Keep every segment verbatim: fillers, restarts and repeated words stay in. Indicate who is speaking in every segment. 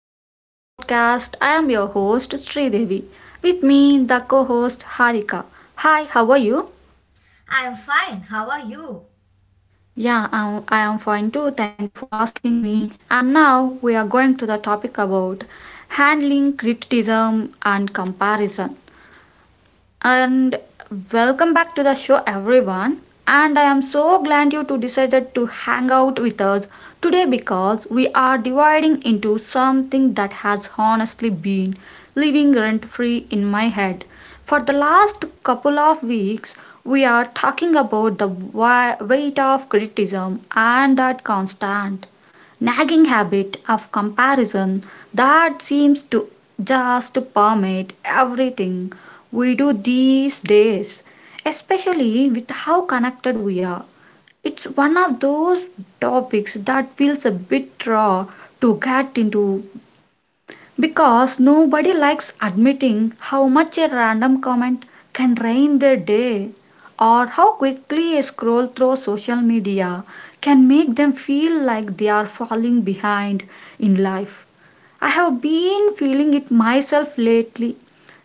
Speaker 1: back to the podcast. I am your host Sridevi. With me, the co-host Harika. Hi, how are you?
Speaker 2: I'm fine. How are you?
Speaker 1: Yeah, I'm, I am fine too. Thank you for asking me. And now we are going to the topic about handling criticism and comparison. And welcome back to the show, everyone. And I am so glad you two decided to hang out with us today, because we are dividing into something that has honestly been living rent free in my head. For the last couple of weeks, we are talking about the wi- weight of criticism and that constant nagging habit of comparison that seems to just permeate everything we do these days, especially with how connected we are. It's one of those topics that feels a bit raw to get into, because nobody likes admitting how much a random comment can ruin their day, or how quickly a scroll through social media can make them feel like they are falling behind in life. I have been feeling it myself lately,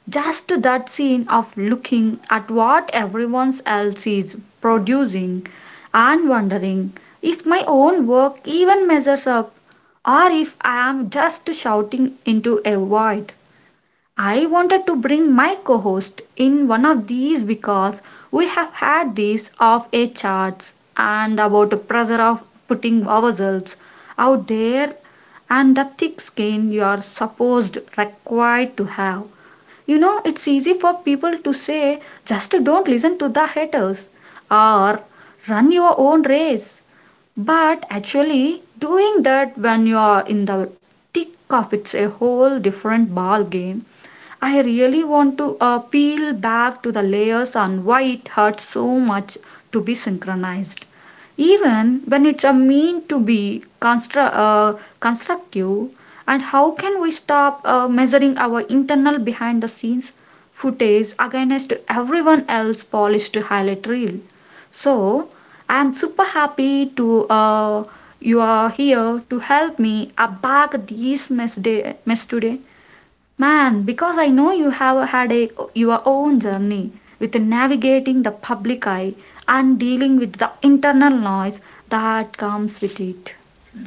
Speaker 1: just that scene of looking at what everyone else is producing and wondering if my own work even measures up, or if I am just shouting into a void. I wanted to bring my co host in one of these because we have had these off air chats and about the pressure of putting ourselves out there and the thick skin you are supposed required to have. You know, it's easy for people to say just don't listen to the haters or run your own race. But actually doing that when you're in the thick of it's a whole different ball game. I really want to uh, peel back to the layers on why it hurts so much to be synchronized. Even when it's a mean to be constru- uh, constructive, and how can we stop uh, measuring our internal behind the scenes footage against everyone else's polished highlight reel? So I am super happy to uh, you are here to help me unpack this mess, day, mess today. Man, because I know you have had a, your own journey with navigating the public eye and dealing with the internal noise that comes with it.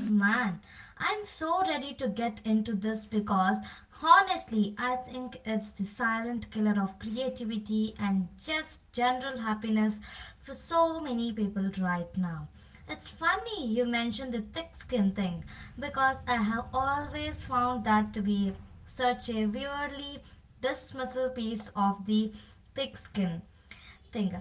Speaker 2: Man, I'm so ready to get into this because honestly, I think it's the silent killer of creativity and just general happiness for so many people right now. It's funny you mentioned the thick skin thing because I have always found that to be such a weirdly dismissive piece of the thick skin thing.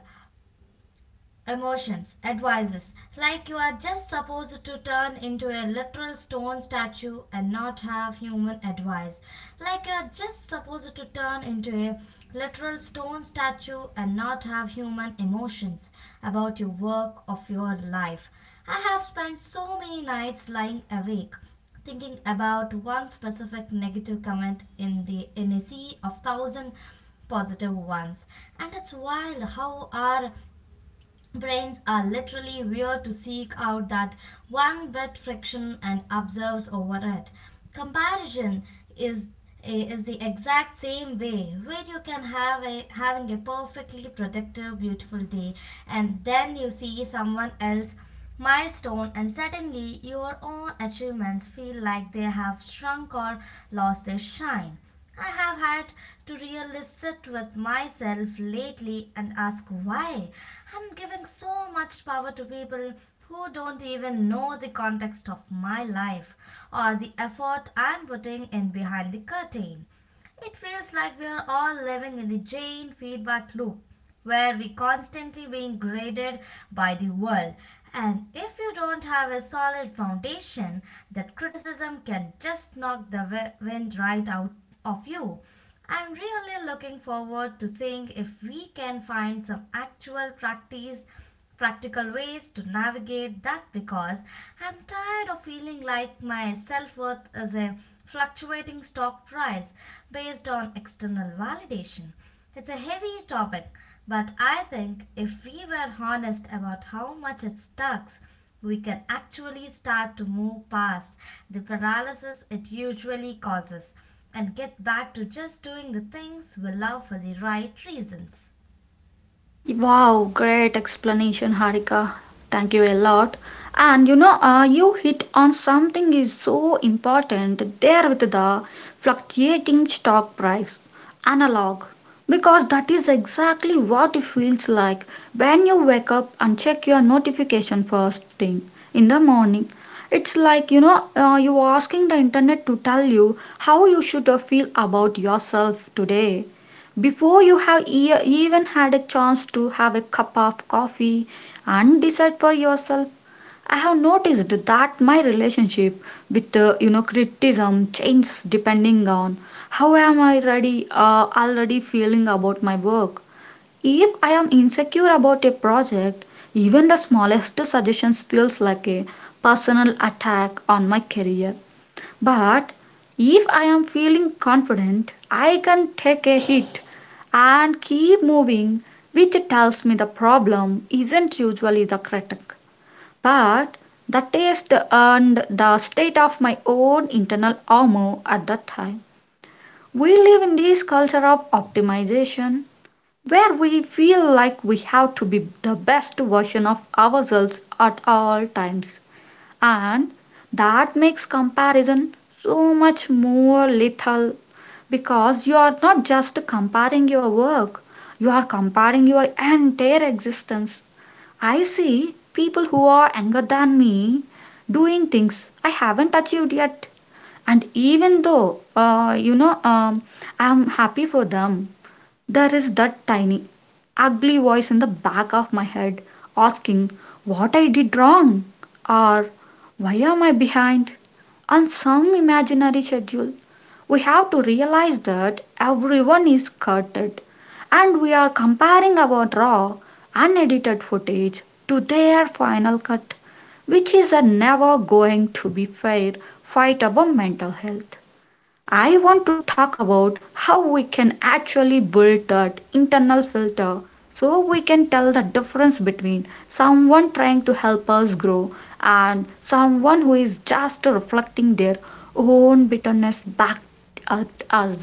Speaker 2: Emotions, advices, like you are just supposed to turn into a literal stone statue and not have human advice, like you are just supposed to turn into a literal stone statue and not have human emotions about your work of your life. I have spent so many nights lying awake thinking about one specific negative comment in the in a sea of thousand positive ones, and it's wild how our brains are literally weird to seek out that one bit friction and observes over it. Comparison is eh, is the exact same way, where you can have a having a perfectly productive beautiful day and then you see someone else milestone and suddenly your own achievements feel like they have shrunk or lost their shine. I have had to really sit with myself lately and ask why I'm giving so much power to people who don't even know the context of my life or the effort I'm putting in behind the curtain. It feels like we are all living in the Jane feedback loop where we constantly being graded by the world. And if you don't have a solid foundation, that criticism can just knock the wi- wind right out of you. I'm really looking forward to seeing if we can find some actual practice practical ways to navigate that because I'm tired of feeling like my self worth is a fluctuating stock price based on external validation. It's a heavy topic, but I think if we were honest about how much it sucks, we can actually start to move past the paralysis it usually causes and get back to just doing the things we love for the right reasons.
Speaker 1: Wow, great explanation, Harika. Thank you a lot. And you know, uh, you hit on something is so important there with the fluctuating stock price analog, because that is exactly what it feels like when you wake up and check your notification first thing in the morning. It's like you know, uh, you asking the internet to tell you how you should uh, feel about yourself today before you have e- even had a chance to have a cup of coffee and decide for yourself. I have noticed that my relationship with uh, you know criticism changes depending on how am I ready uh, already feeling about my work. If I am insecure about a project, even the smallest suggestions feels like a personal attack on my career. But if I am feeling confident, I can take a hit and keep moving, which tells me the problem isn't usually the critic, but the taste and the state of my own internal armor at that time. We live in this culture of optimization where we feel like we have to be the best version of ourselves at all times, and that makes comparison so much more lethal, because you are not just comparing your work, you are comparing your entire existence. I see people who are younger than me doing things I haven't achieved yet, and even though uh, you know um, I'm happy for them, there is that tiny, ugly voice in the back of my head asking what I did wrong, or why am I behind on some imaginary schedule. We have to realize that everyone is cutted, and we are comparing our raw, unedited footage to their final cut, which is a never going to be fair fight about mental health. I want to talk about how we can actually build that internal filter so we can tell the difference between someone trying to help us grow and someone who is just reflecting their own bitterness back at us.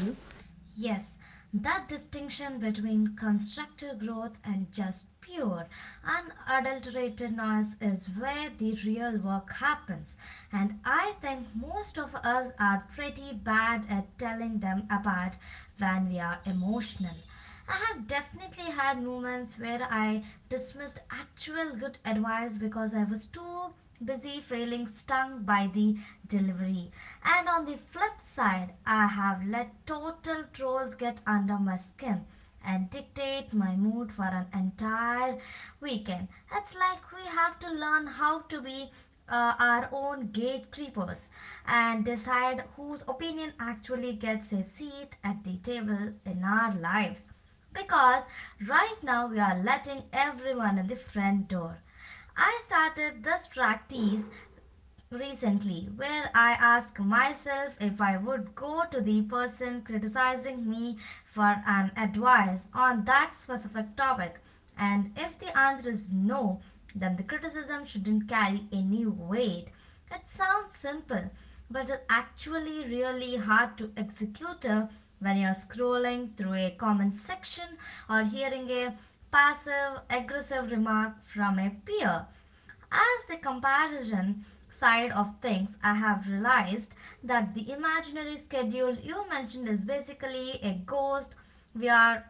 Speaker 2: Yes, that distinction between constructive growth and just pure, unadulterated noise is where the real work happens. And I think most of us are pretty bad at telling them apart when we are emotional. I have definitely had moments where I dismissed actual good advice because I was too busy feeling stung by the delivery. And on the flip side, I have let total trolls get under my skin and dictate my mood for an entire weekend. It's like we have to learn how to be uh, our own gatekeepers and decide whose opinion actually gets a seat at the table in our lives. Because right now we are letting everyone in the front door. I started this practice recently where I ask myself if I would go to the person criticizing me for an advice on that specific topic. And if the answer is no, then the criticism shouldn't carry any weight. It sounds simple, but it's actually really hard to execute it when you're scrolling through a comment section or hearing a passive aggressive remark from a peer. As the comparison side of things, I have realized that the imaginary schedule you mentioned is basically a ghost we are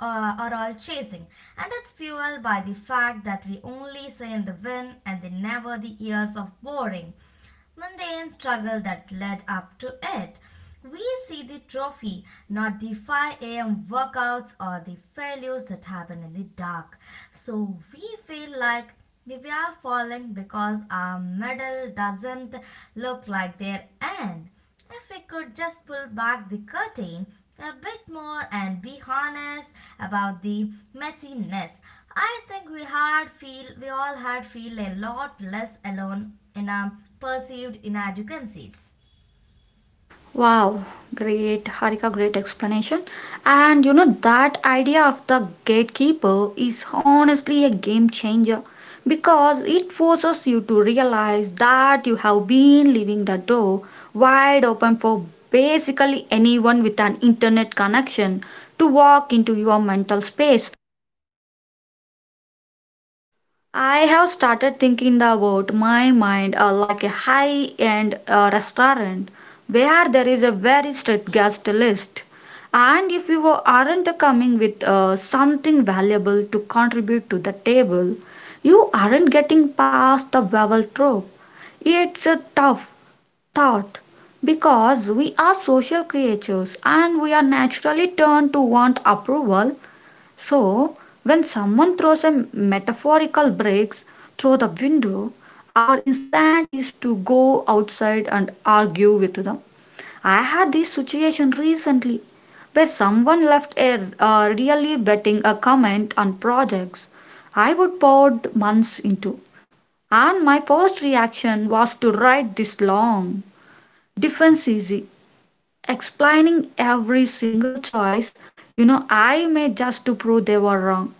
Speaker 2: uh, are all chasing, and it's fueled by the fact that we only see in the wind and they never the years of boring, mundane struggle that led up to it. We see the trophy, not the five a m workouts or the failures that happen in the dark. So we feel like we are falling because our medal doesn't look like their end. If we could just pull back the curtain a bit more and be honest about the messiness, I think we had feel we all had feel a lot less alone in our perceived inadequacies.
Speaker 1: Wow, great, Harika, great explanation. And you know, that idea of the gatekeeper is honestly a game changer, because it forces you to realize that you have been leaving the door wide open for basically anyone with an internet connection to walk into your mental space. I have started thinking about my mind uh, like a high end uh, restaurant where there is a very strict guest list. And if you aren't coming with uh, something valuable to contribute to the table, you aren't getting past the bevel trope. It's a tough thought, because we are social creatures and we are naturally turned to want approval. So, when someone throws a metaphorical bricks through the window, our instinct is to go outside and argue with them. I had this situation recently where someone left a uh, really betting a comment on projects I would poured months into, and my first reaction was to write this long defense easy explaining every single choice you know I made just to prove they were wrong.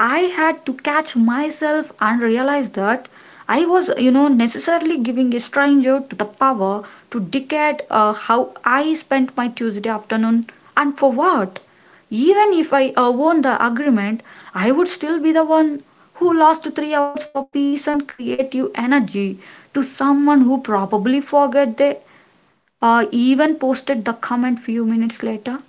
Speaker 1: I had to catch myself and realize that I was, you know, necessarily giving a stranger to the power to dictate uh, how I spent my Tuesday afternoon and for what. Even if I uh, won the agreement, I would still be the one who lost three hours for peace and creative energy to someone who probably forget they uh, even posted the comment few minutes later.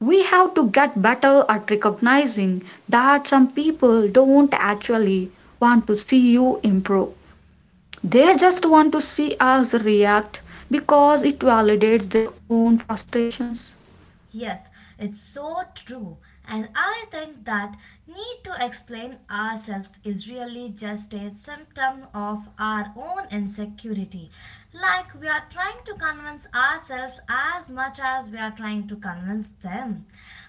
Speaker 1: We have to get better at recognizing that some people don't actually want to see you improve. They just want to see us react because it validates their own frustrations.
Speaker 2: Yes, it's so true. And I think that need to explain ourselves is really just a symptom of our own insecurity. Like we are trying to convince ourselves as much as we are trying to convince them.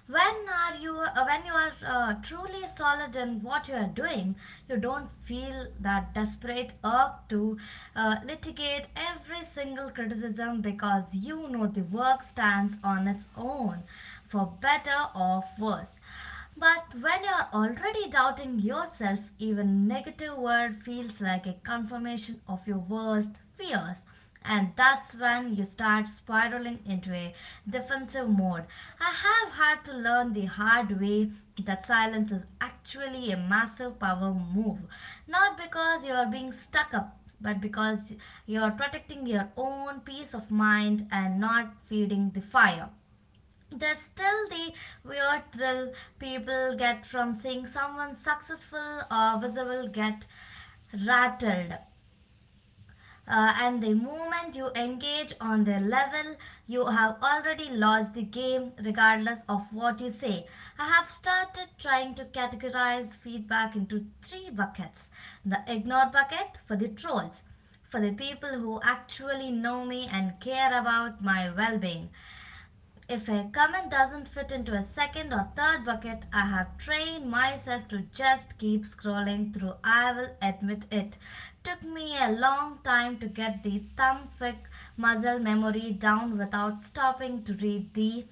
Speaker 2: When are you uh, when you are uh, truly solid in what you are doing, you don't feel that desperate urge to uh, litigate every single criticism because you know the work stands on its own, for better or worse. But when you're already doubting yourself, even negative word feels like a confirmation of your worst fears, and that's when you start spiraling into a defensive mode. I have had to learn the hard way that silence is actually a massive power move, not because you are being stuck up, but because you are protecting your own peace of mind and not feeding the fire. There's still the weird thrill people get from seeing someone successful or visible get rattled uh, and the moment you engage on their level, you have already lost the game regardless of what you say. I have started trying to categorize feedback into three buckets: the ignored bucket for the trolls, for the people who actually know me and care about my well being. If a comment doesn't fit into a second or third bucket, I have trained myself to just keep scrolling through. I will admit it. Took me a long time to get the thumb thick muscle memory down without stopping to read the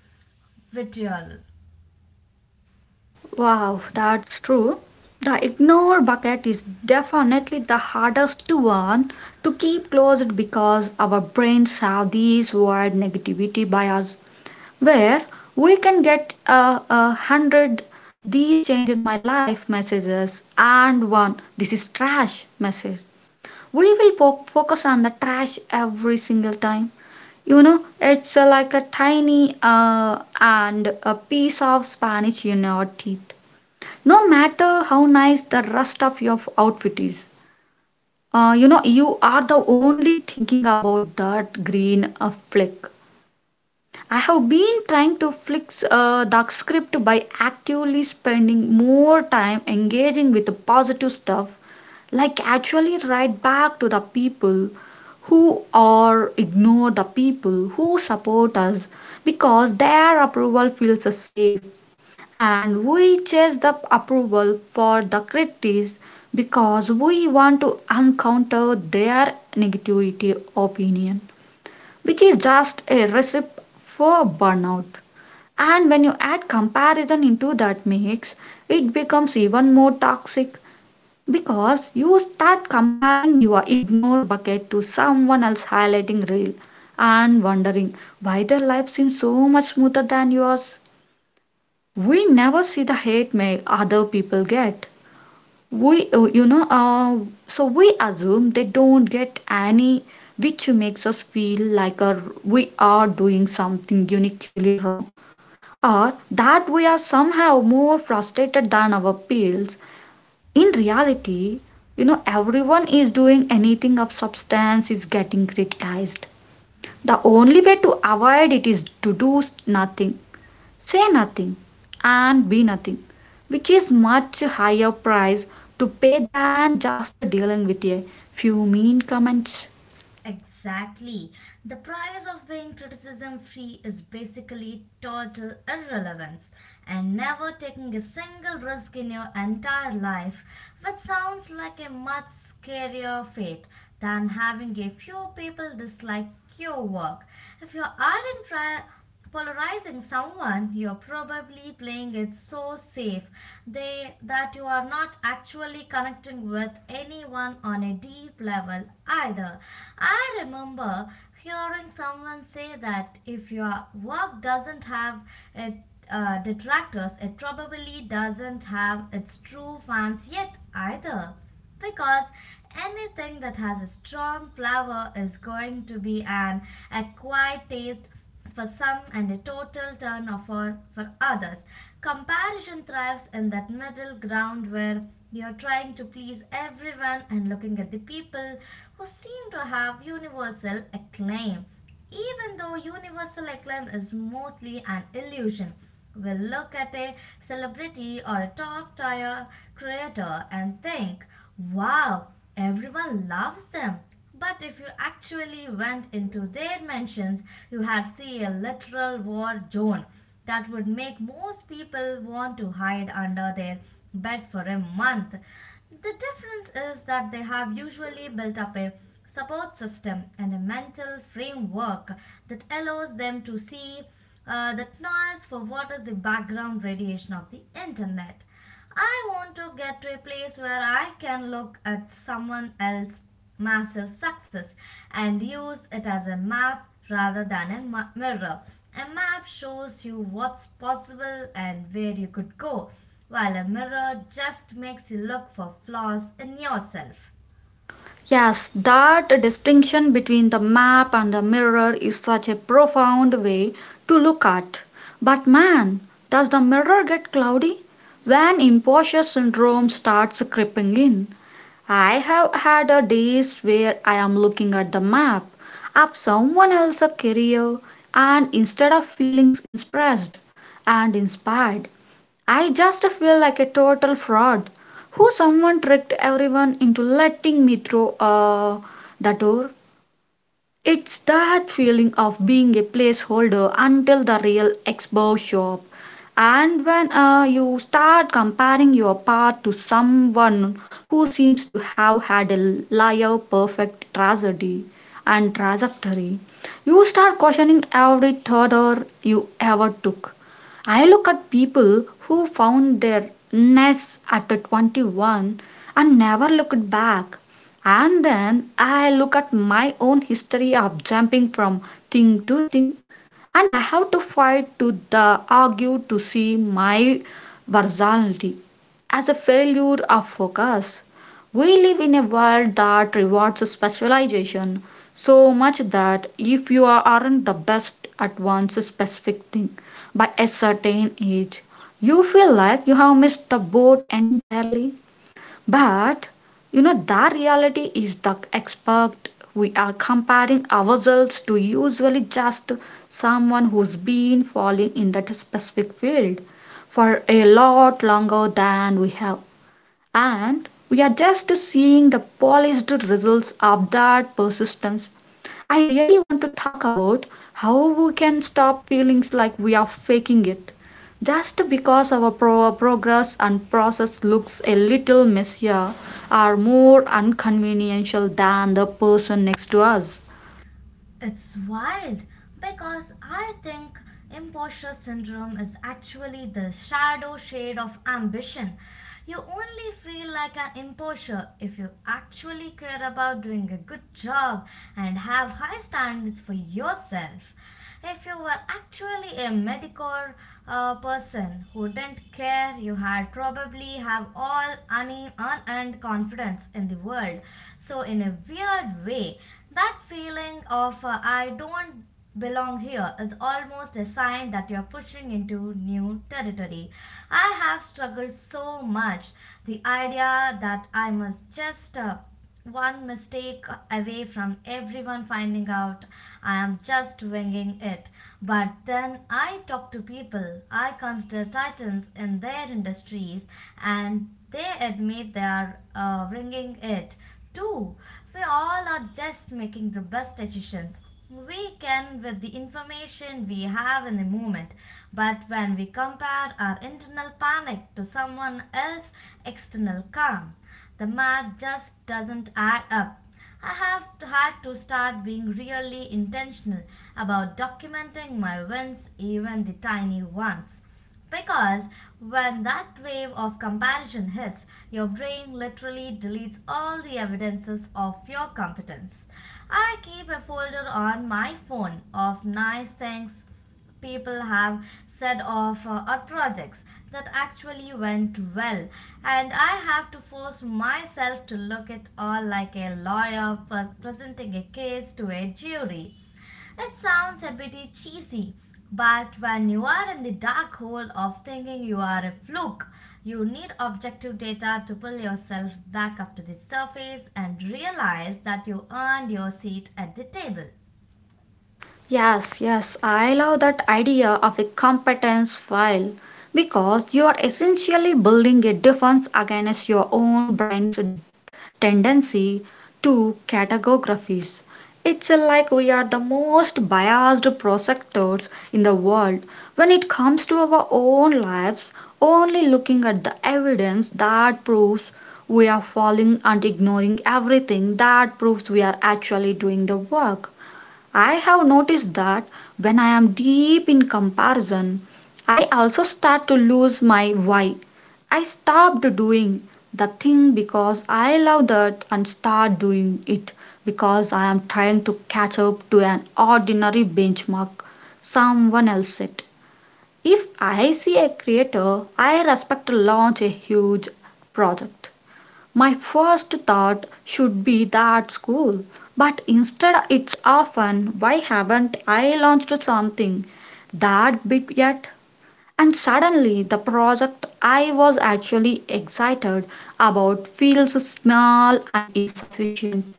Speaker 2: vitriol.
Speaker 1: Wow, that's true. The ignore bucket is definitely the hardest one to keep closed, because our brains have these wired negativity biases where we can get a, a hundred these changed my life messages and one this is trash message we will po- focus on the trash every single time. You know, it's uh, like a tiny uh, and a piece of spanish in your teeth, no matter how nice the rest of your outfit is. Uh, you know, you are the only thinking about that green uh, flick. I have been trying to fix uh, dark script by actively spending more time engaging with the positive stuff, like actually write back to the people who or ignore the people who support us, because their approval feels safe and we chase the approval for the critics because we want to encounter their negativity opinion, which is just a recipe for burnout. And when you add comparison into that mix, it becomes even more toxic, because you start comparing your ignore bucket to someone else's highlighting reel and wondering why their life seems so much smoother than yours. We never see the hate mail other people get. We uh, you know uh, So we assume they don't get any, which makes us feel like uh, we are doing something uniquely wrong, or that we are somehow more frustrated than our peers. In reality, you know everyone is doing anything of substance is getting criticized. The only way to avoid it is to do nothing, say nothing, and be nothing, which is much higher price to pay than just dealing with a few mean comments.
Speaker 2: Exactly. The price of being criticism free is basically total irrelevance and never taking a single risk in your entire life, which sounds like a much scarier fate than having a few people dislike your work. If you are and pri- polarizing someone, you're probably playing it so safe they that you are not actually connecting with anyone on a deep level either. I remember hearing someone say that if your work doesn't have it uh, detractors, it probably doesn't have its true fans yet either, because anything that has a strong flavor is going to be an acquired taste for some and a total turnover for others. Comparison thrives in that middle ground where you're trying to please everyone and looking at the people who seem to have universal acclaim. Even though universal acclaim is mostly an illusion, we look at a celebrity or a top tier creator and think, wow, everyone loves them. But if you actually went into their mansions, you had see a literal war zone that would make most people want to hide under their bed for a month. The difference is that they have usually built up a support system and a mental framework that allows them to see uh, that noise for what is the background radiation of the internet. I want to get to a place where I can look at someone else's massive success and use it as a map rather than a ma- mirror. A map shows you what's possible and where you could go, while a mirror just makes you look for flaws in yourself.
Speaker 1: Yes, that distinction between the map and the mirror is such a profound way to look at. But man, does the mirror get cloudy when imposter syndrome starts creeping in? I have had a days where I am looking at the map of someone else's career, and instead of feeling impressed and inspired, I just feel like a total fraud who someone tricked everyone into letting me through uh, the door. It's that feeling of being a placeholder until the real expo shop. And when uh, you start comparing your path to someone who seems to have had a liar perfect tragedy and trajectory, you start questioning every thought or you ever took. I look at people who found their nest at twenty-one and never looked back. And then I look at my own history of jumping from thing to thing, and I have to fight to the argue to see my versatility as a failure of focus. We live in a world that rewards specialization so much that if you are- aren't the best at one specific thing by a certain age, you feel like you have missed the boat entirely. But you know that reality is the expert we are comparing ourselves to usually just someone who's been falling in that specific field for a lot longer than we have, and we are just seeing the polished results of that persistence. I really want to talk about how we can stop feeling like we are faking it just because our pro- progress and process looks a little messier or more inconveniential than the person next to us.
Speaker 2: It's wild because I think imposter syndrome is actually the shadow shade of ambition. You only feel like an imposter if you actually care about doing a good job and have high standards for yourself. If you were actually a medical uh, person who didn't care, you had probably have all une- unearned confidence in the world. So, in a weird way, that feeling of uh, I don't belong here is almost a sign that you're pushing into new territory. I have struggled so much. The idea that I must just uh, one mistake away from everyone finding out I am just winging it. But then I talk to people I consider titans in their industries and they admit they are uh, winging it too. We all are just making the best decisions we can with the information we have in the moment, but when we compare our internal panic to someone else's external calm, the math just doesn't add up. I have had to start being really intentional about documenting my wins, even the tiny ones. Because when that wave of comparison hits, your brain literally deletes all the evidences of your competence. I keep a folder on my phone of nice things people have said of uh, art projects that actually went well, and I have to force myself to look at all like a lawyer per- presenting a case to a jury. It sounds a bit cheesy, but when you are in the dark hole of thinking you are a fluke, you need objective data to pull yourself back up to the surface and realize that you earned your seat at the table.
Speaker 1: Yes, yes, I love that idea of a competence file because you are essentially building a defense against your own brain's tendency to categorize. It's like we are the most biased prosecutors in the world when it comes to our own lives, only looking at the evidence that proves we are falling and ignoring everything that proves we are actually doing the work. I have noticed that when I am deep in comparison, I also start to lose my why. I stopped doing the thing because I love that and start doing it because I am trying to catch up to an ordinary benchmark someone else set. If I see a creator I respect launch a huge project, my first thought should be that school, but instead it's often, why haven't I launched something that big yet? And suddenly the project I was actually excited about feels small and insufficient,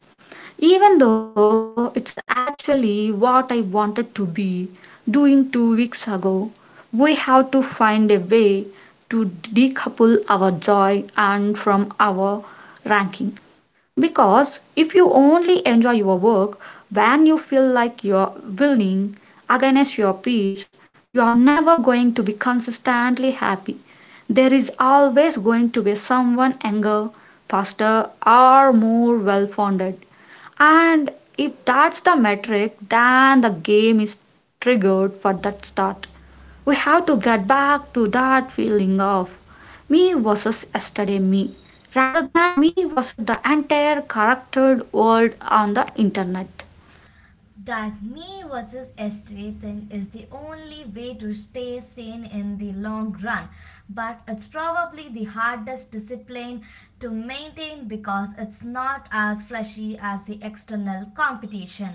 Speaker 1: even though it's actually what I wanted to be doing two weeks ago. We have to find a way to decouple our joy and from our ranking. Because if you only enjoy your work when you feel like you're winning against your peers, you're never going to be consistently happy. There is always going to be someone younger, faster, or more well funded. And if that's the metric, then the game is triggered for that start. We have to get back to that feeling of me versus yesterday me, rather than me versus the entire corrupted world on the internet.
Speaker 2: That me versus yesterday thing is the only way to stay sane in the long run, but it's probably the hardest discipline to maintain because it's not as flashy as the external competition.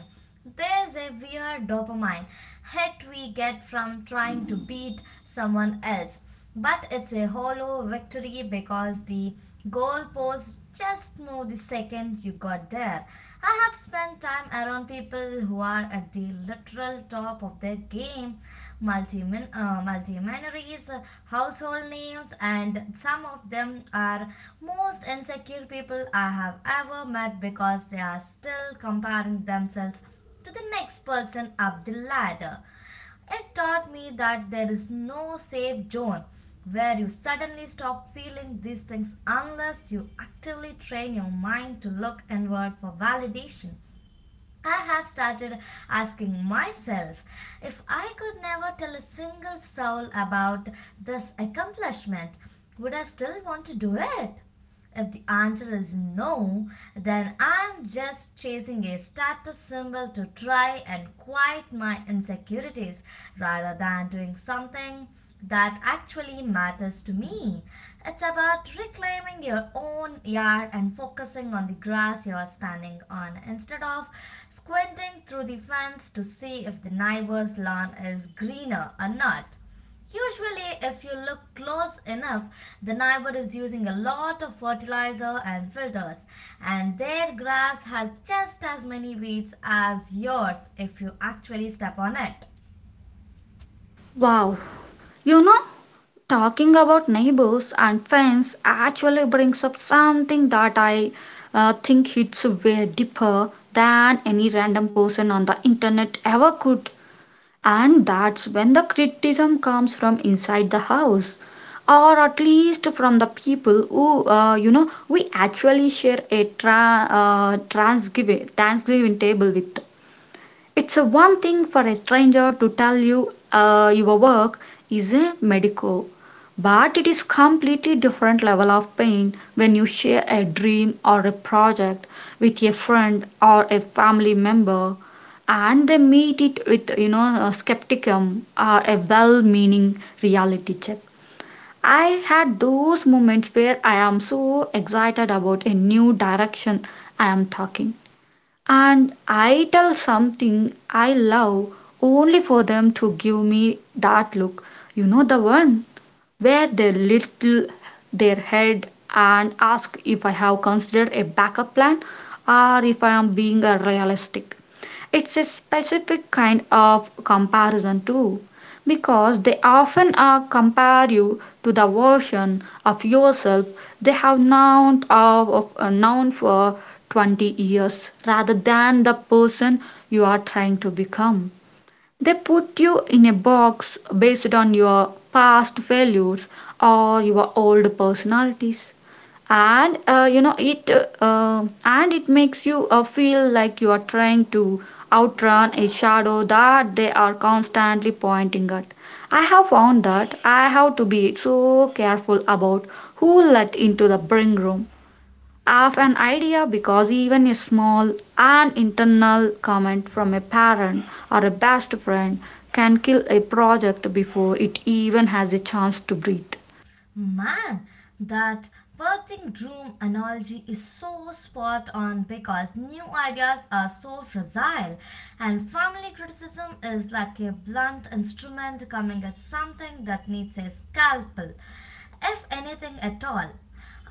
Speaker 2: There's a weird dopamine hit we get from trying to beat someone else, but it's a hollow victory because the goalposts just know the second you got there. I have spent time around people who are at the literal top of their game, multi uh, multi minorities, household names, and some of them are most insecure people I have ever met because they are still comparing themselves to the next person up the ladder. It taught me that there is no safe zone where you suddenly stop feeling these things unless you actively train your mind to look inward for validation. I have started asking myself, if I could never tell a single soul about this accomplishment, would I still want to do it? If the answer is no, then I'm just chasing a status symbol to try and quiet my insecurities rather than doing something that actually matters to me. It's about reclaiming your own yard and focusing on the grass you're standing on instead of squinting through the fence to see if the neighbor's lawn is greener or not. Usually, if you look close enough, the neighbor is using a lot of fertilizer and filters, and their grass has just as many weeds as yours if you actually step on it.
Speaker 1: Wow, you know, talking about neighbors and friends actually brings up something that I uh, think hits way deeper than any random person on the internet ever could. And that's when the criticism comes from inside the house, or at least from the people who, uh, you know, we actually share a tra- uh, Thanksgiving, Thanksgiving table with. It's a one thing for a stranger to tell you uh, your work is a medico, but it is completely different level of pain when you share a dream or a project with a friend or a family member and they meet it with you know a skepticism or a well-meaning reality check. I had those moments where I am so excited about a new direction I am talking and I tell something I love only for them to give me that look. You know the one, where they little their head and ask if I have considered a backup plan or if I am being uh, realistic. It's a specific kind of comparison too, because they often are compare you to the version of yourself they have known of of, uh, known for twenty years rather than the person you are trying to become. They put you in a box based on your past failures or your old personalities. And uh, you know it uh, uh, and it makes you uh, feel like you are trying to outrun a shadow that they are constantly pointing at. I have found that I have to be so careful about who let into the bring room of an idea, because even a small and internal comment from a parent or a best friend can kill a project before it even has a chance to breathe.
Speaker 2: Man, that birthing room analogy is so spot on because new ideas are so fragile, and family criticism is like a blunt instrument coming at something that needs a scalpel, if anything at all.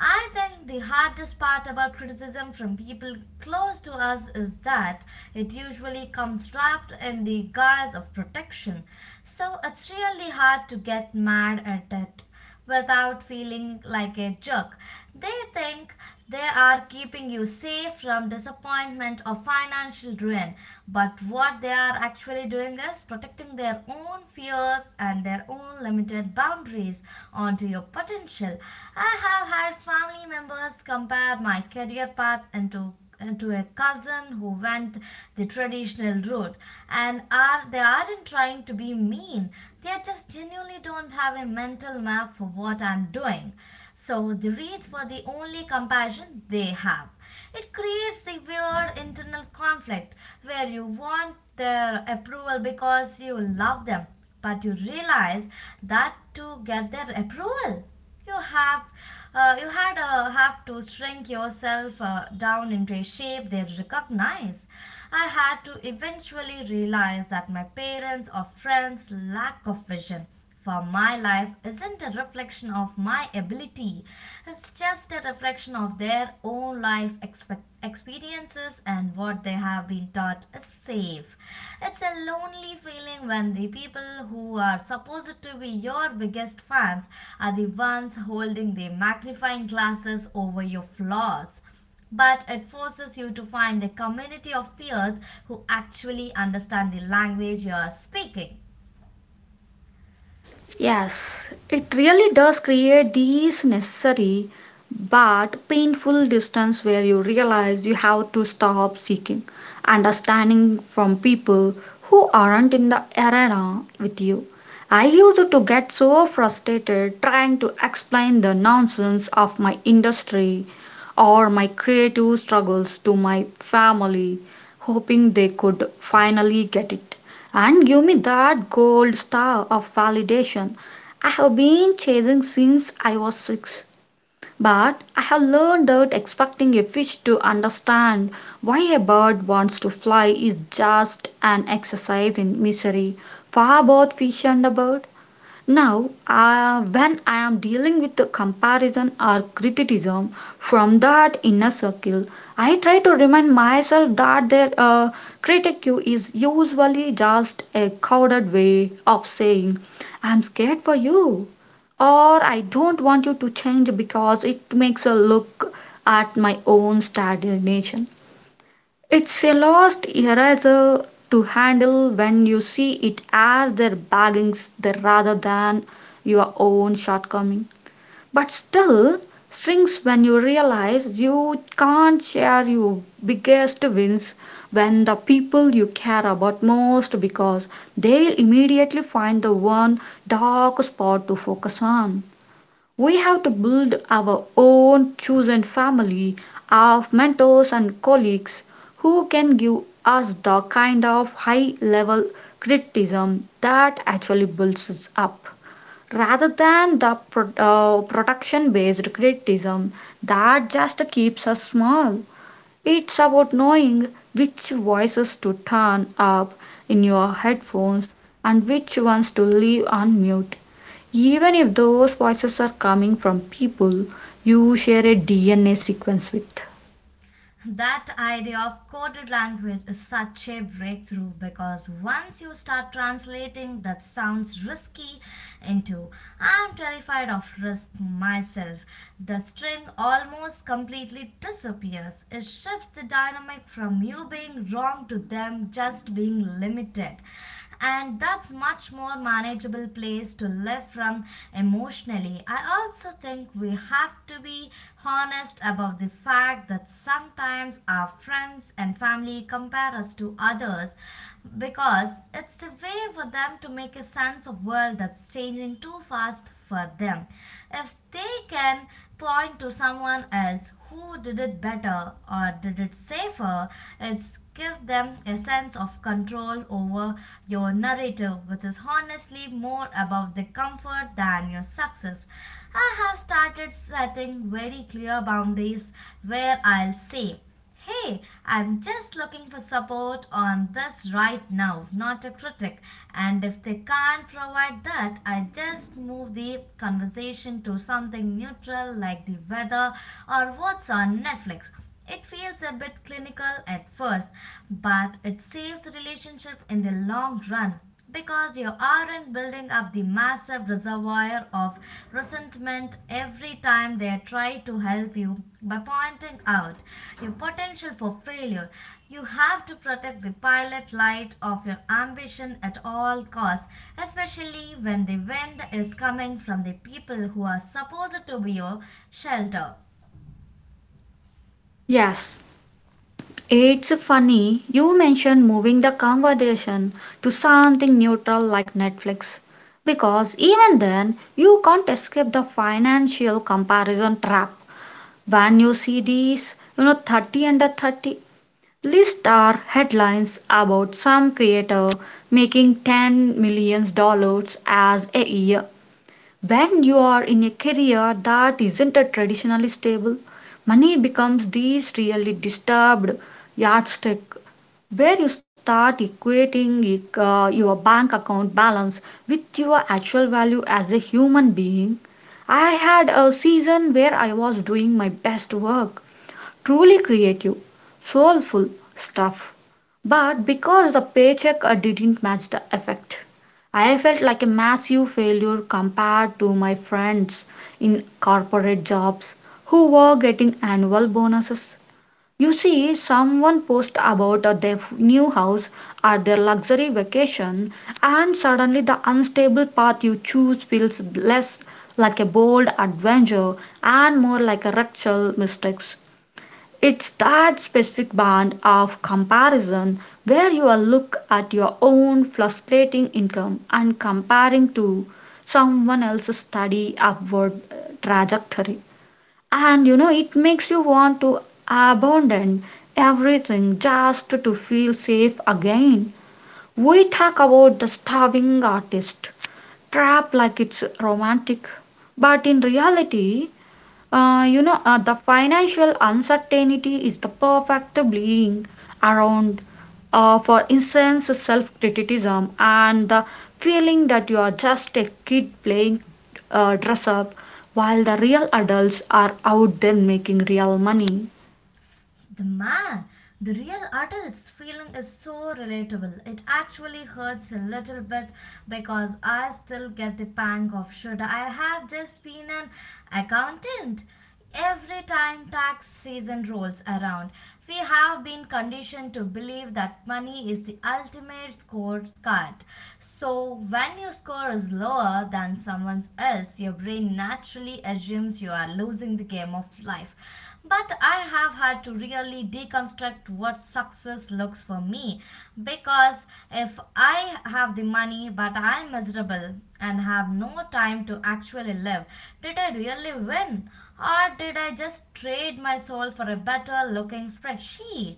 Speaker 2: I think the hardest part about criticism from people close to us is that it usually comes wrapped in the guise of protection. So it's really hard to get mad at it without feeling like a jerk. They think they are keeping you safe from disappointment or financial ruin. But what they are actually doing is protecting their own fears and their own limited boundaries onto your potential. I have had family members compare my career path into into a cousin who went the traditional route, and are, they aren't trying to be mean, they just genuinely don't have a mental map for what I'm doing, so the reach were the only compassion they have. It creates the weird internal conflict where you want their approval because you love them, but you realize that to get their approval, you have uh, you had uh, have to shrink yourself uh, down into a shape they recognize. I had to eventually realize that my parents or friends lack of vision for my life isn't a reflection of my ability, it's just a reflection of their own life expect- experiences and what they have been taught is safe. It's a lonely feeling when the people who are supposed to be your biggest fans are the ones holding the magnifying glasses over your flaws, but it forces you to find a community of peers who actually understand the language you are speaking.
Speaker 1: Yes, it really does create these necessary but painful distance where you realize you have to stop seeking understanding from people who aren't in the arena with you. I used to get so frustrated trying to explain the nonsense of my industry or my creative struggles to my family, hoping they could finally get it and give me that gold star of validation I have been chasing since I was six. But I have learned that expecting a fish to understand why a bird wants to fly is just an exercise in misery for both fish and the bird. Now, uh, when I am dealing with a comparison or criticism from that inner circle, I try to remind myself that their uh, critique is usually just a coded way of saying, I'm scared for you, or I don't want you to change because it makes a look at my own stagnation. It's a lost eraser to handle when you see it as their baggings there rather than your own shortcoming. But still strings when you realize you can't share your biggest wins when the people you care about most, because they'll immediately find the one dark spot to focus on. We have to build our own chosen family of mentors and colleagues who can give us the kind of high level criticism that actually builds us up, rather than the pro- uh, protection based criticism that just keeps us small. It's about knowing which voices to turn up in your headphones and which ones to leave on mute, even if those voices are coming from people you share a D N A sequence with.
Speaker 2: That idea of coded language is such a breakthrough because once you start translating that sounds risky into I'm terrified of risk myself, the string almost completely disappears. It shifts the dynamic from you being wrong to them just being limited, and that's much more manageable place to live from emotionally. I also think we have to be honest about the fact that sometimes our friends and family compare us to others because it's the way for them to make a sense of world that's changing too fast for them. If they can point to someone else who did it better or did it safer, it's give them a sense of control over your narrative, which is honestly more about the comfort than your success. I have started setting very clear boundaries where I'll say, hey, I'm just looking for support on this right now, not a critic. And if they can't provide that, I just move the conversation to something neutral like the weather or what's on Netflix. It feels a bit clinical at first, but it saves the relationship in the long run because you aren't building up the massive reservoir of resentment every time they try to help you by pointing out your potential for failure. You have to protect the pilot light of your ambition at all costs, especially when the wind is coming from the people who are supposed to be your shelter.
Speaker 1: Yes, it's funny you mentioned moving the conversation to something neutral like Netflix, because even then you can't escape the financial comparison trap when you see these you know thirty under thirty list are headlines about some creator making ten million dollars as a year. When you are in a career that isn't a traditionally stable, money becomes this really disturbed yardstick, where you start equating uh, your bank account balance with your actual value as a human being. I had a season where I was doing my best work, truly creative, soulful stuff. But because the paycheck uh, didn't match the effect, I felt like a massive failure compared to my friends in corporate jobs who were getting annual bonuses. You see, someone posts about uh, their f- new house or their luxury vacation, and suddenly the unstable path you choose feels less like a bold adventure and more like a rectal mistakes. It's that specific band of comparison where you are look at your own fluctuating income and comparing to someone else's steady upward uh, trajectory. And you know, it makes you want to abandon everything just to feel safe again. We talk about the starving artist trap like it's romantic, but in reality, uh, you know, uh, the financial uncertainty is the perfect bleeding around. Uh, for instance, self criticism and the feeling that you are just a kid playing uh, dress up while the real adults are out there making real money.
Speaker 2: The man, the real artist's feeling is so relatable. It actually hurts a little bit because I still get the pang of, should I have just been an accountant? Every time tax season rolls around, we have been conditioned to believe that money is the ultimate scorecard. So, when your score is lower than someone else, your brain naturally assumes you are losing the game of life. But I have had to really deconstruct what success looks for me, because if I have the money but I'm miserable and have no time to actually live, did I really win? Or did I just trade my soul for a better looking spreadsheet?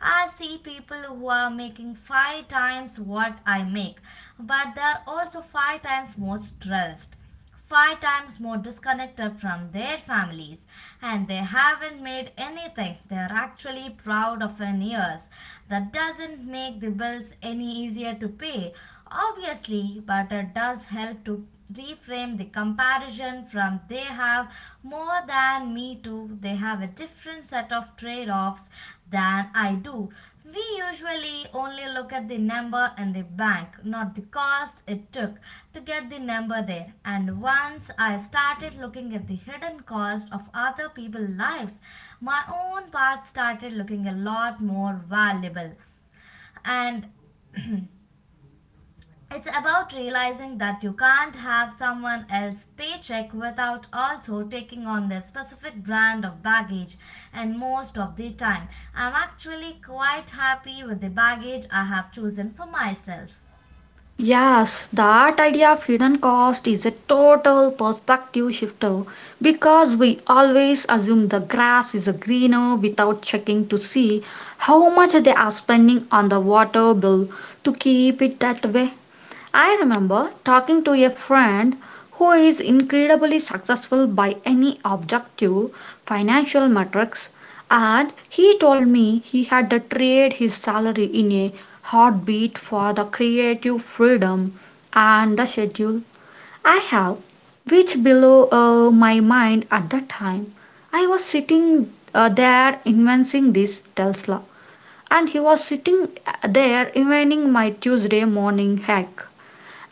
Speaker 2: I see people who are making five times what I make, but they're also five times more stressed, five times more disconnected from their families, and they haven't made anything they're actually proud of in years. That doesn't make the bills any easier to pay, obviously, but it does help to reframe the comparison from they have more than me to they have a different set of trade offs than I do. We usually only look at the number in the bank, not the cost it took to get the number there. And once I started looking at the hidden cost of other people's lives, my own path started looking a lot more valuable. And it's about realizing that you can't have someone else's paycheck without also taking on their specific brand of baggage. And most of the time, I'm actually quite happy with the baggage I have chosen for myself.
Speaker 1: Yes, that idea of hidden cost is a total perspective shifter, because we always assume the grass is greener without checking to see how much they are spending on the water bill to keep it that way. I remember talking to a friend who is incredibly successful by any objective financial metrics, and he told me he had to trade his salary in a heartbeat for the creative freedom and the schedule I have, which blew uh, my mind at the time. I was sitting uh, there inventing this Tesla, and he was sitting uh, there inventing my Tuesday morning hack,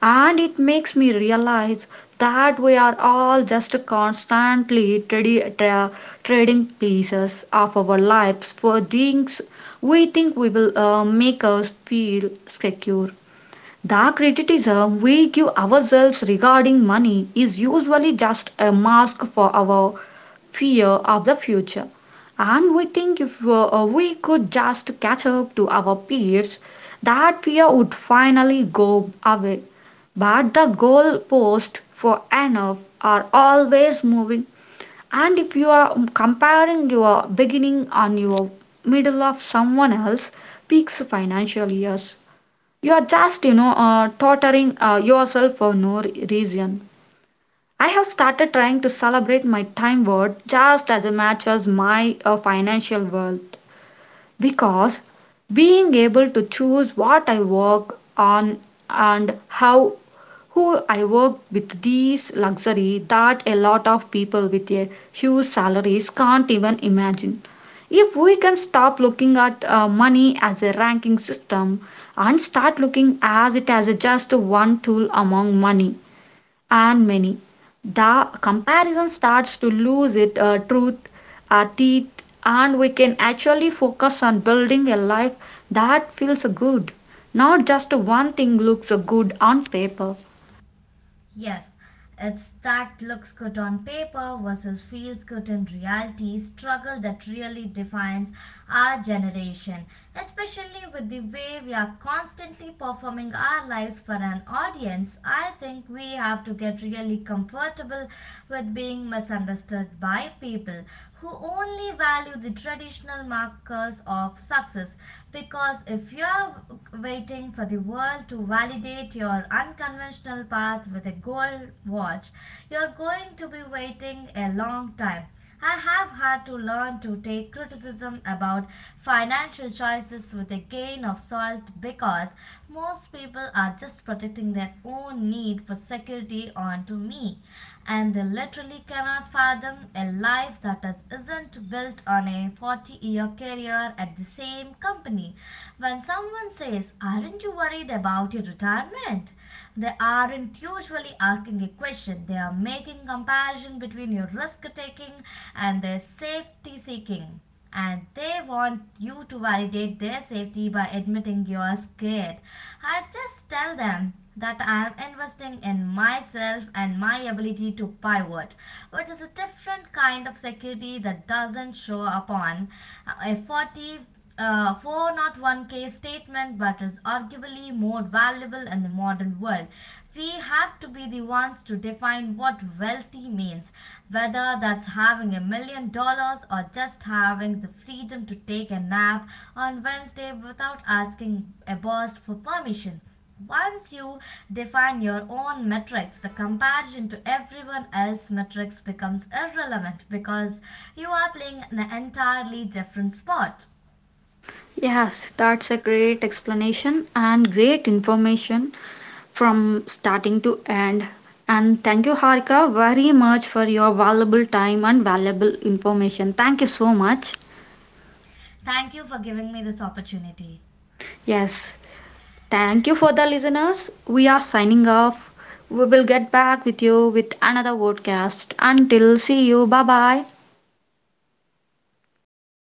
Speaker 1: and it makes me realize that we are all just constantly tradi- tra- trading pieces of our lives for things we think we will uh, make us feel secure. The criticism we give ourselves regarding money is usually just a mask for our fear of the future, and we think if uh, we could just catch up to our peers, that fear would finally go away. But the goalposts for enough are always moving, and if you are comparing your beginning on your middle of someone else's peaks financial years, you are just, you know, uh, torturing uh, yourself for no re- reason. I have started trying to celebrate my time worth just as much as my uh, financial worth, because being able to choose what I work on and how, who I work with, these luxury that a lot of people with a huge salaries can't even imagine. If we can stop looking at uh, money as a ranking system and start looking as it as a just one tool among money, and many. The comparison starts to lose its uh, truth, uh, teeth, and we can actually focus on building a life that feels good. Not just one thing looks good on paper.
Speaker 2: Yes, it's that looks good on paper versus feels good in reality struggle that really defines our generation, especially with the way we are constantly performing our lives for an audience. I think we have to get really comfortable with being misunderstood by people who only value the traditional markers of success, because if you are waiting for the world to validate your or unconventional path with a gold watch, you're going to be waiting a long time. I have had to learn to take criticism about financial choices with a grain of salt, because most people are just protecting their own need for security onto me, and they literally cannot fathom a life that is, isn't built on a forty year career at the same company. When someone says, aren't you worried about your retirement? They aren't usually asking a question, they are making comparison between your risk taking and their safety seeking, and they want you to validate their safety by admitting you are scared. I just tell them that I am investing in myself and my ability to pivot, which is a different kind of security that doesn't show up on a 40 uh, four oh one k statement but is arguably more valuable in the modern world. We have to be the ones to define what wealthy means, whether that's having a million dollars or just having the freedom to take a nap on Wednesday without asking a boss for permission. Once you define your own metrics, the comparison to everyone else's metrics becomes irrelevant because you are playing an entirely different sport.
Speaker 1: Yes, that's a great explanation and great information from starting to end. And thank you, Harika, very much for your valuable time and valuable information. Thank you so much.
Speaker 2: Thank you for giving me this opportunity.
Speaker 1: Yes, Thank you for the listeners. We are signing off. We will get back with you with another podcast. Until see you. Bye bye.